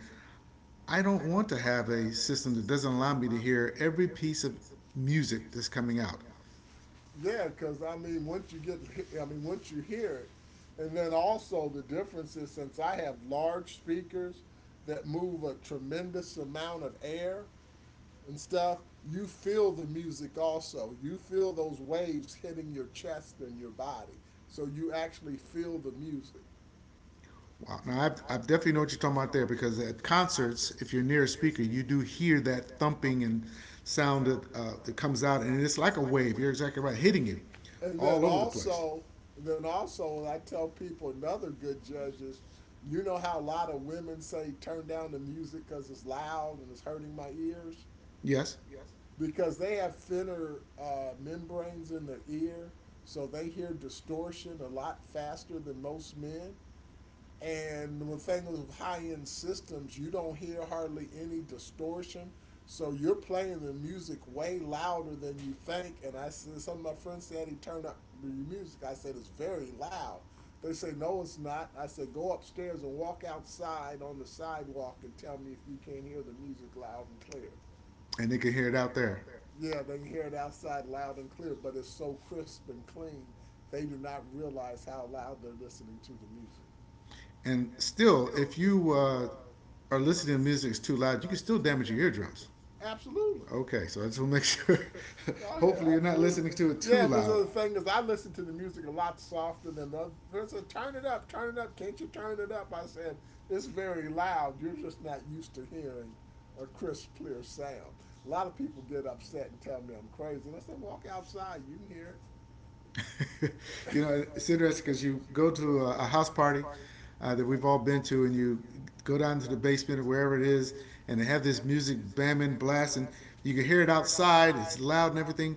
I don't want to have a system that doesn't allow me to hear every piece of music that's coming out. Yeah, because I mean, once you get, I mean, once you hear it, and then also the difference is since I have large speakers that move a tremendous amount of air and stuff, you feel the music also. You feel those waves hitting your chest and your body. So you actually feel the music. Wow. Now, I've, I've definitely know what you're talking about there because at concerts, if you're near a speaker, you do hear that thumping and sound that, uh, that comes out, and it's like a wave. You're exactly right, hitting you And then all over the place. also, then also, I tell people another good judge is, you know how a lot of women say turn down the music because it's loud and it's hurting my ears, Yes, because they have thinner uh, membranes in their ear, so they hear distortion a lot faster than most men. And with things with high end systems, you don't hear hardly any distortion. So you're playing the music way louder than you think. And I said, some of my friends said he turned up your music. I said, it's very loud. They say, no, it's not. I said, go upstairs and walk outside on the sidewalk and tell me if you can't hear the music loud and clear. and they can hear it out there. Yeah, they hear it outside loud and clear, but it's so crisp and clean, they do not realize how loud they're listening to the music. And still, if you uh, are listening to music that's too loud, you can still damage your eardrums. Absolutely. Okay, so I just want to make sure. Oh yeah, Hopefully, you're not absolutely. listening to it too Yeah, but loud. so the thing is, I listen to the music a lot softer than the other person said, "Turn it up, turn it up. Can't you turn it up?" I said, "It's very loud. You're just not used to hearing a crisp, clear sound." A lot of people get upset and tell me I'm crazy, and I said, "Walk outside. You can hear it." You know, it's interesting because you go to a, a house party uh, that we've all been to, and you go down to the basement or wherever it is, and they have this music bamming, blasting. You can hear it outside, it's loud and everything,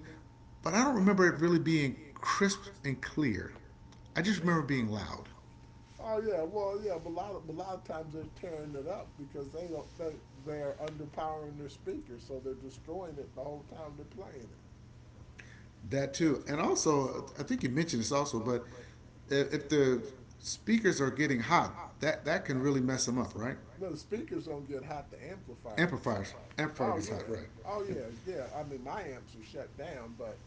but I don't remember it really being crisp and clear. I just Yeah. remember Yeah. being loud. Oh yeah, well yeah, but a lot of but a lot of times they're tearing it up because they don't they they're underpowering their speakers, so they're destroying it the whole time they're playing it. That too, and also I think you mentioned this also, but if, the speakers are getting hot, that that can really mess them up, right? No, the speakers don't get hot. The amplifier gets hot. Amplifiers, amplifier Oh gets yeah, right. hot, right? Oh yeah, yeah. I mean, my amps were shut down, but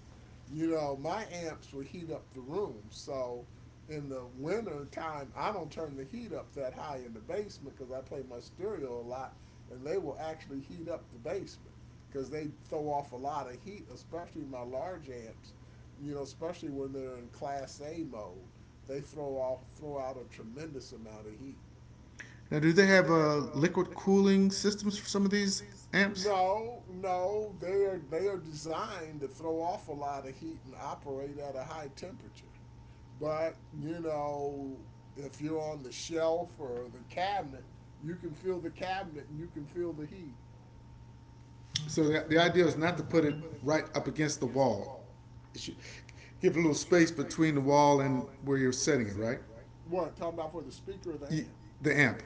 you know, my amps would heat up the room. So in the winter time, I don't turn the heat up that high in the basement because I play my stereo a lot, and they will actually heat up the basement because they throw off a lot of heat, especially my large amps. You know, especially when they're in Class A mode. They throw off throw out a tremendous amount of heat. Now, do they have uh, liquid cooling systems for some of these amps? No, no, they are they are designed to throw off a lot of heat and operate at a high temperature. But you know, if you're on the shelf or the cabinet, you can feel the cabinet and you can feel the heat. So the, the idea is not to put it right up against the wall. It should give a little space between the wall and where you're setting it, right? What talking about for the speaker or the amp? The amp.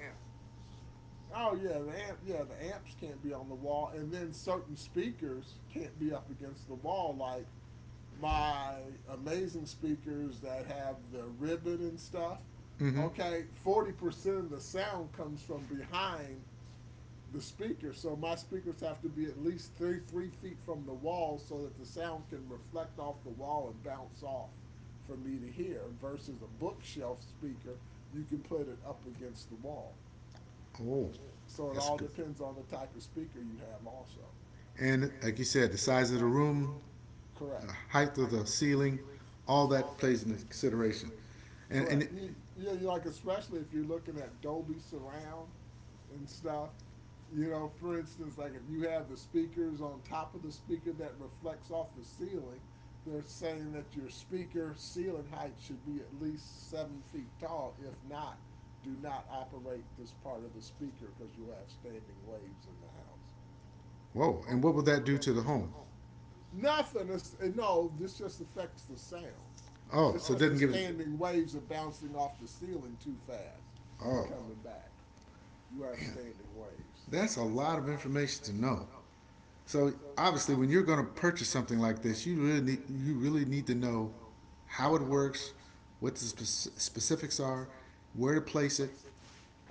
Oh yeah, the amp. Yeah, the amps can't be on the wall, and then certain speakers can't be up against the wall. Like my amazing speakers that have the ribbon and stuff. Mm-hmm. Okay, forty percent of the sound comes from behind the speaker. So my speakers have to be at least three, three feet from the wall so that the sound can reflect off the wall and bounce off for me to hear versus a bookshelf speaker, you can put it up against the wall. Oh, So it that's all good. depends on the type of speaker you have also. And like you said, the size of the room, Correct. the height of the ceiling, all that plays into consideration. And, and Correct. it, You, you know, like especially if you're looking at Dolby surround and stuff. You know, for instance, like if you have the speakers on top of the speaker that reflects off the ceiling, they're saying that your speaker ceiling height should be at least seven feet tall. If not, do not operate this part of the speaker because you'll have standing waves in the house. Whoa, and what would that do to the home? Nothing. Is, no, this just affects the sound. Oh, It's so it just the doesn't give it. standing waves are bouncing off the ceiling too fast and Oh, coming oh. back. You have man, standing waves. that's a lot of information to know. So obviously, when you're going to purchase something like this, you really need, you really need to know how it works, what the spec- specifics are, where to place it,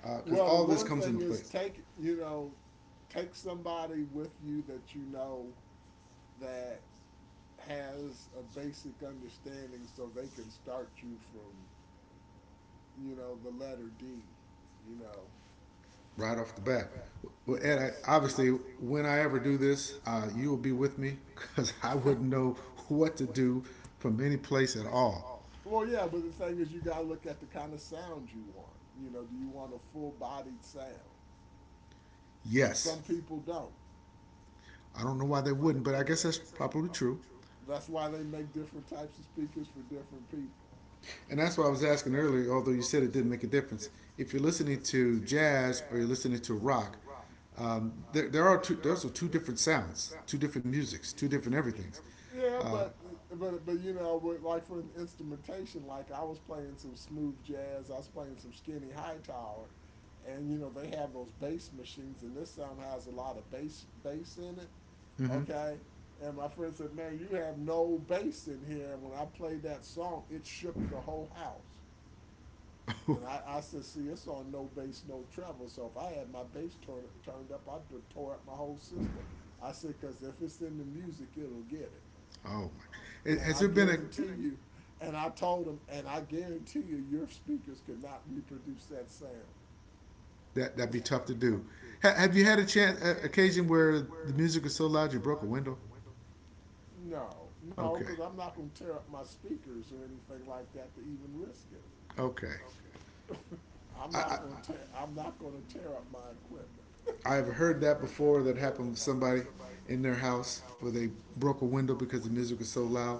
because uh, Well, the all this one comes thing into is place. take you know take somebody with you that you know that has a basic understanding so they can start you from you know the letter D. You know, Right off the bat. Well, Ed, yes, I, yeah. obviously, when I ever do this, uh, you will be with me because I wouldn't know what to do from any place at all. Well, yeah, but the thing is, you gotta look at the kind of sound you want. You know, do you want a full bodied sound? Yes, Some people don't. I don't know why they wouldn't, but I guess that's probably true. That's why they make different types of speakers for different people. And that's why I was asking earlier, although you said it didn't make a difference. If you're listening to jazz or you're listening to rock, um, there, there are two, there's two different sounds, two different musics, two different everythings. Yeah, but um, but but you know, with, like for instrumentation, like I was playing some smooth jazz, I was playing some skinny high tower, and you know they have those bass machines, and this sound has a lot of bass bass in it. Mm-hmm. Okay, and my friend said, "Man, you have no bass in here." And when I played that song, it shook the whole house. Oh, And I, I said, see, it's on no bass, no treble. So if I had my bass turn, turned up, I'd tore up my whole system. I said, because if it's in the music, it'll get it. my. And Has I there been a guarantee you, and I told him, and I guarantee you, your speakers could not reproduce that sound. that that'd be tough to do. Ha- have you had a chance, a- occasion where the music was so loud you broke a window? No, no, Okay, because I'm not going to tear up my speakers or anything like that to even risk it. okay. I'm I, not going to tear. I'm not going to tear up my equipment. I have heard that before. That happened with somebody in their house where they broke a window because the music was so loud.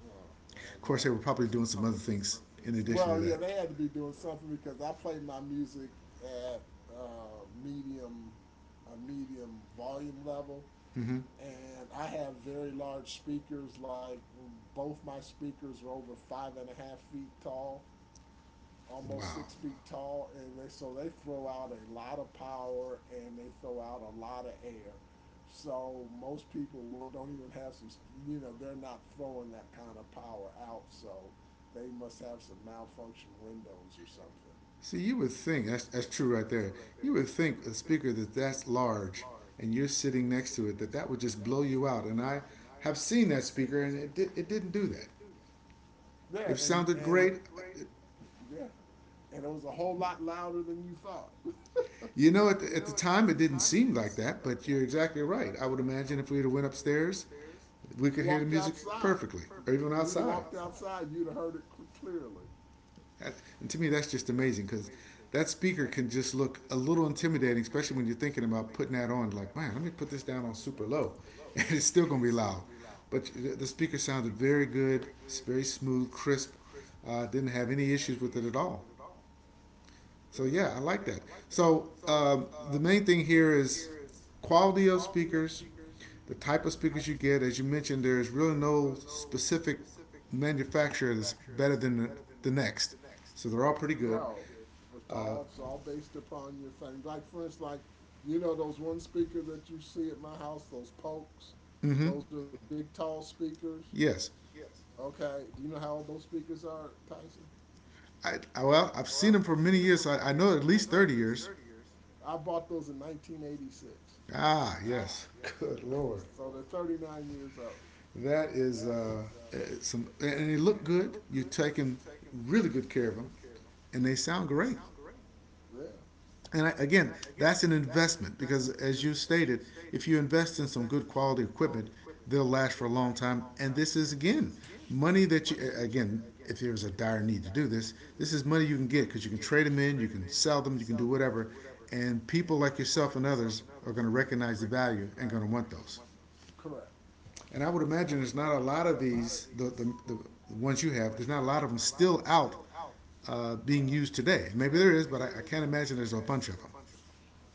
Oh well, Of no. course, they were probably doing some other Of things in addition to well, yeah, that. they had to be doing something because I played my music at uh, medium, a medium volume level, Hmm. and I have very large speakers. Like both my speakers are over five and a half feet tall, almost Wow. six feet tall, and they so they throw out a lot of power and they throw out a lot of air. So most people well, don't even have some, you know, they're not throwing that kind of power out. So they must have some malfunction windows or something. See, you would think that's that's true right there. You would think a speaker that that's large and you're sitting next to it that that would just blow you out. And I have seen that speaker and it did, it didn't do that. Yeah, It and sounded and great. yeah, and it was a whole lot louder than you thought. You know, at the, at the time, it didn't seem like that, but you're exactly right. I would imagine if we had went upstairs, we could hear the Walked music outside. perfectly, or even You'd have outside. walked outside. You'd have heard it clearly. And to me, that's just amazing because that speaker can just look a little intimidating, especially when you're thinking about putting that on. Like, man, let me put this down on super low, and it's still gonna be loud. But the speaker sounded very good. It's very smooth, crisp. Uh, didn't have any issues with it at all. So yeah, I Yeah. like that. So um, the main thing here is quality of speakers, the type of speakers you get. As you mentioned, there is really no specific manufacturer that's better than the, the next. So they're all pretty good. No. It's Uh, all it's all based upon your thing. Like for instance, like you know those one speaker that you see at my house, those pokes. mm-hmm. Those are mm-hmm. the big tall speakers. Yes. Okay, do you know how old those speakers are, Tyson? I, I, well, I've seen them for many years. So I, I know at least thirty years. I bought those in nineteen eighty-six, Ah, yes. Good lord, so they're thirty-nine years old. that is uh, uh, some. And they look good. You're taking really good care of them, and they sound great. Yeah, And I, again, that's an investment because, as you stated, if you invest in some good quality equipment, they'll last for a long time. And this is again money that you again, if there's a dire need to do this, this is money you can get because you can trade them in, you can sell them, you can do whatever. And people like yourself and others are going to recognize the value and going to want those. correct. And I would imagine there's not a lot of these, the, the, the ones you have, there's not a lot of them still out uh, being used today. Maybe there is, but I, I can't imagine there's a bunch of them.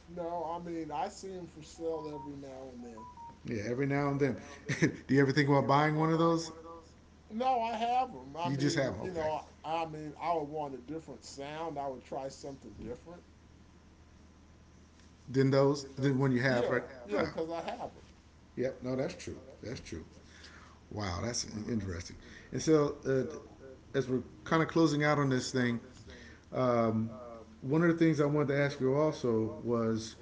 No, I mean I see them for sale every now and then. Yeah, every now and then. Do you ever think about buying one of those? No, I have them. I You just mean, have, you okay. know, I, I mean, I would want a different sound. I would try something different. Then those, then when you have, Yeah, right? yeah, Ah, because I have them. yep. No, that's true. That's true. Wow, that's interesting. And so, uh, as we're kind of closing out on this thing, um, one of the things I wanted to ask you also was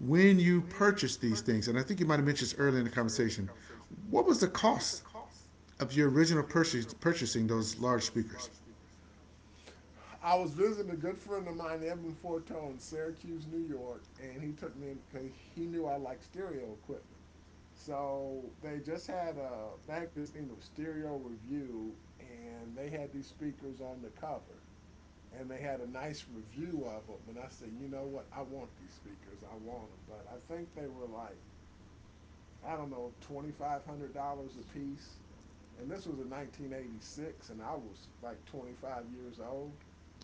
when you purchased these things, and I think you might have mentioned this earlier in the conversation. What was the cost of your original purchase purchasing those large speakers? I was visiting a good friend of mine, Edmund Forteau, in Syracuse, New York, and he took me in because he knew I like stereo equipment. So they just had a magazine of Stereo Review, and they had these speakers on the cover, and they had a nice review of them. And I said, you know what? I want these speakers. I want them, but I think they were like, I don't know, twenty five hundred dollars a piece. And this was in nineteen eighty six, and I was like twenty five years old.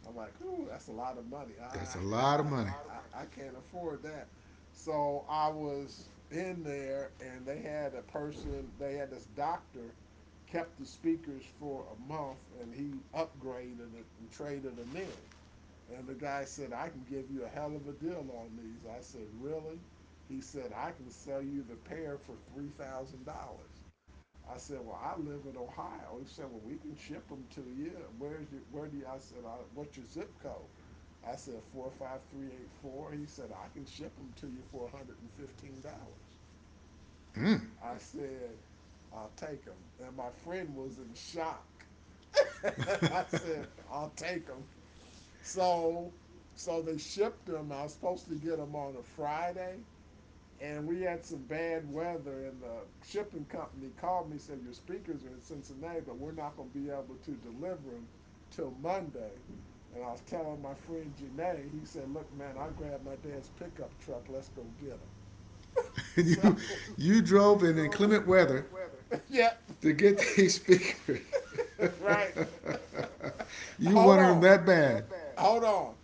I'm like, ooh, that's a lot of money. I That's a I, a lot of money. lot of money. I- I can't afford that. So I was in there, and they had a person, they had this doctor kept the speakers for a month, and he upgraded it and traded them in. And the guy said, I can give you a hell of a deal on these. I said, really? He said, I can sell you the pair for three thousand dollars. I said, well, I live in Ohio. He said, well, we can ship them to you. Where's your, where do you, I said, I, what's your zip code? I said, four five three eight four. He said, I can ship them to you for one hundred fifteen dollars. Mm. I said, I'll take them. And my friend was in shock. I said, I'll take them. So so they shipped them. I was supposed to get them on a Friday, and we had some bad weather. And the shipping company called me and said your speakers are in Cincinnati, but we're not going to be able to deliver them till Monday. And I was telling my friend Janae, he said, "Look, man, I grabbed my dad's pickup truck. Let's go get them." and So you you drove in inclement weather yeah, to get these speakers. right. You Hold You wanted them on, that bad. You hold on.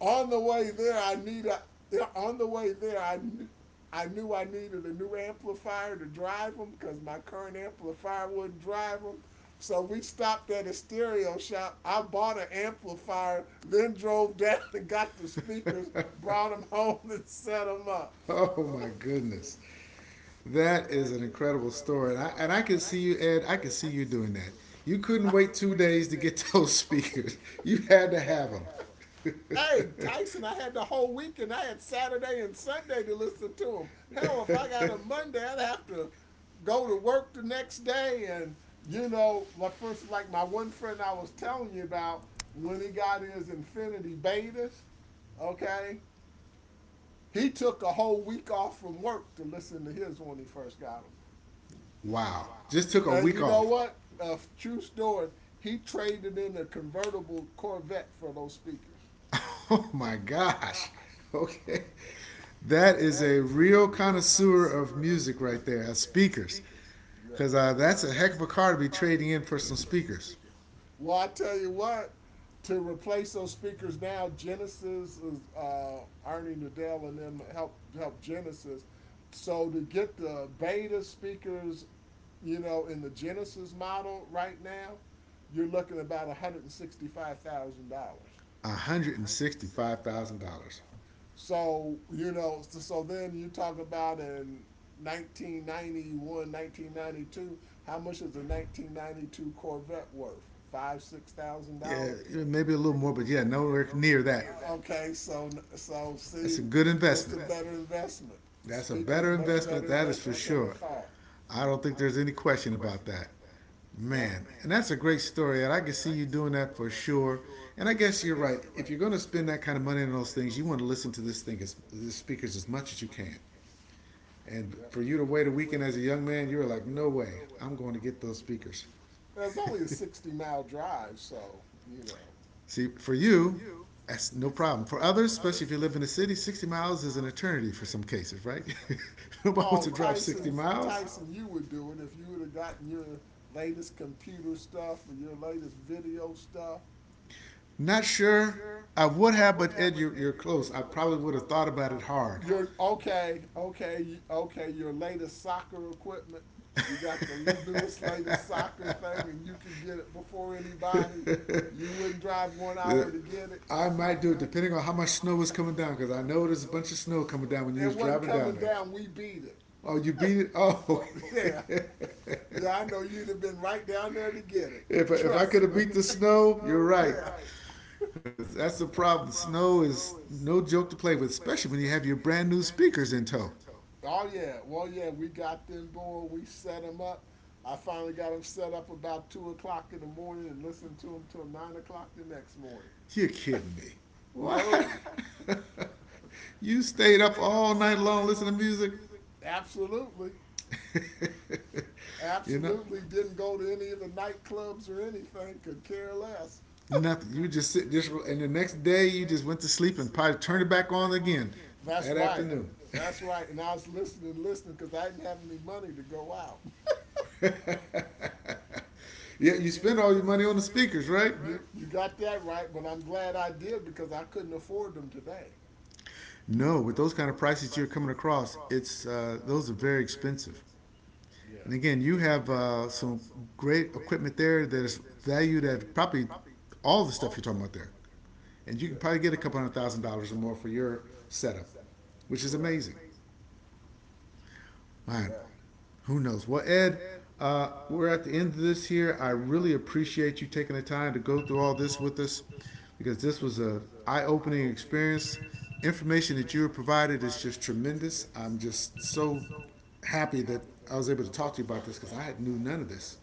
On the way there, I need a, yeah. On the way there, I knew I knew I needed a new amplifier to drive them because my current amplifier wouldn't drive them. So we stopped at a stereo shop. I bought an amplifier, then drove down and got the speakers, brought them home, and set them up. Oh my goodness, that is an incredible story, and I and I can see you, Ed. I can see you doing that. You couldn't wait two days to get those speakers. You had to have them. Hey, Tyson, I had the whole weekend. I had Saturday and Sunday to listen to him. Hell, if I got a Monday, I'd have to go to work the next day. And, you know, like for instance, like my one friend I was telling you about, when he got his Infinity betas, okay, he took a whole week off from work to listen to his when he first got him. Wow, just took a And week you know off. what? A true story. He traded in a convertible Corvette for those speakers. Oh my gosh. Okay. That is a real connoisseur of music right there, of speakers. Because uh, Yes. that's a heck of a car to be trading in for some speakers. Well, I tell you what, to replace those speakers now, Genesis is uh, Ernie Nadell and them help help Genesis. So to get the beta speakers, you know, in the Genesis model right now, you're looking about one hundred and sixty five thousand dollars. One hundred and sixty-five thousand dollars. So you know, so, so then you talk about in nineteen ninety one, nineteen ninety two. How much is a nineteen ninety-two Corvette worth? Five, six thousand Yeah, dollars. maybe a little Yeah. more, but yeah, nowhere near that. And okay, so so That's a see, good what's the investment. better investment? The That's a speaker is better much than investment. That is for the sure. car. I don't think there's any question about that. Yep, Man, and that's a great story, and I can see you doing that for sure. And I guess you're right. If you're going to spend that kind of money on those things, you want to listen to this thing as the speakers as much as you can. And yep. for you to wait a weekend as a young man, you were like, no way, I'm going to get those speakers. It's only a sixty mile drive, so you know. See, for you, that's no problem. For others, especially if you live in the city, sixty miles is an eternity for some cases, right? Nobody wants Oh, to drive sixty Tyson, miles. Tyson, you would do it if you would have gotten your latest computer stuff or your latest video stuff. Not sure. I would have, but Ed, you're, you're close. I probably would have thought about it hard. You're okay, okay, okay. Your latest soccer equipment. You got the l- newest, latest soccer thing, and you can get it before anybody. You wouldn't drive one hour to get it. I might do it depending on how much snow is coming down, because I know there's a bunch of snow coming down when you It was wasn't driving down coming there. down. We beat it. Oh, you beat it? Oh, Yeah, if, yeah. I know you'd have been right down there to get it. if I could Trust have me. beat the snow, you're right. Yeah. Cause that's the problem. Snow is no joke to play with, especially when you have your brand new speakers in tow. Oh yeah, well yeah, we got them going. We set them up. I finally got them set up about two o'clock in the morning and listened to them till nine o'clock the next morning. You're kidding me. What? No, You stayed up all night long listening to music? absolutely, You know, absolutely didn't go to any of the nightclubs or anything. Could care less. nothing. You just sit just, and the next day you just went to sleep and probably turned it back on again That's that right. afternoon. That's right. And I was listening, listening because I didn't have any money to go out. Yeah, you spend all your money on the speakers, right? You, you got that right, but I'm glad I did because I couldn't afford them today. No, with those kind of prices you're coming across, it's uh, those are very expensive. And Yeah, again, you have uh, some great equipment there that is valued at probably all the stuff you're talking about there. And you yeah, can probably get a couple hundred thousand dollars or more for your setup, which which is correct, amazing. Man, correct. who knows? Well, Ed, uh, we're at the end of this here. I really appreciate you taking the time to go through all this with us because this was an eye opening experience. Information that you were provided is just tremendous. I'm just so happy that I was able to talk to you about this because I knew none of this.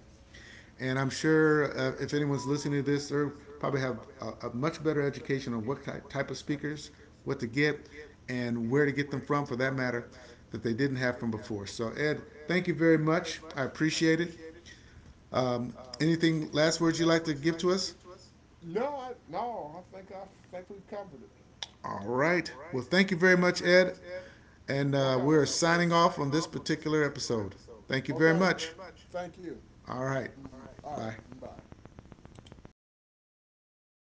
And I'm Okay. sure uh, if anyone's listening to this, they probably have a, a much better education on what type, type of speakers, what to get, and where to get them from, for that matter, that they didn't have from before. So, Ed, thank you very much. I appreciate it. Um, anything last words you'd like to give to us? No, I no, I think I think we've covered it. All right. Well, thank you very much, Ed. And uh, we're signing off on this particular episode. Thank you very Okay, Thank much. you thank you. All right. All Bye. right, bye.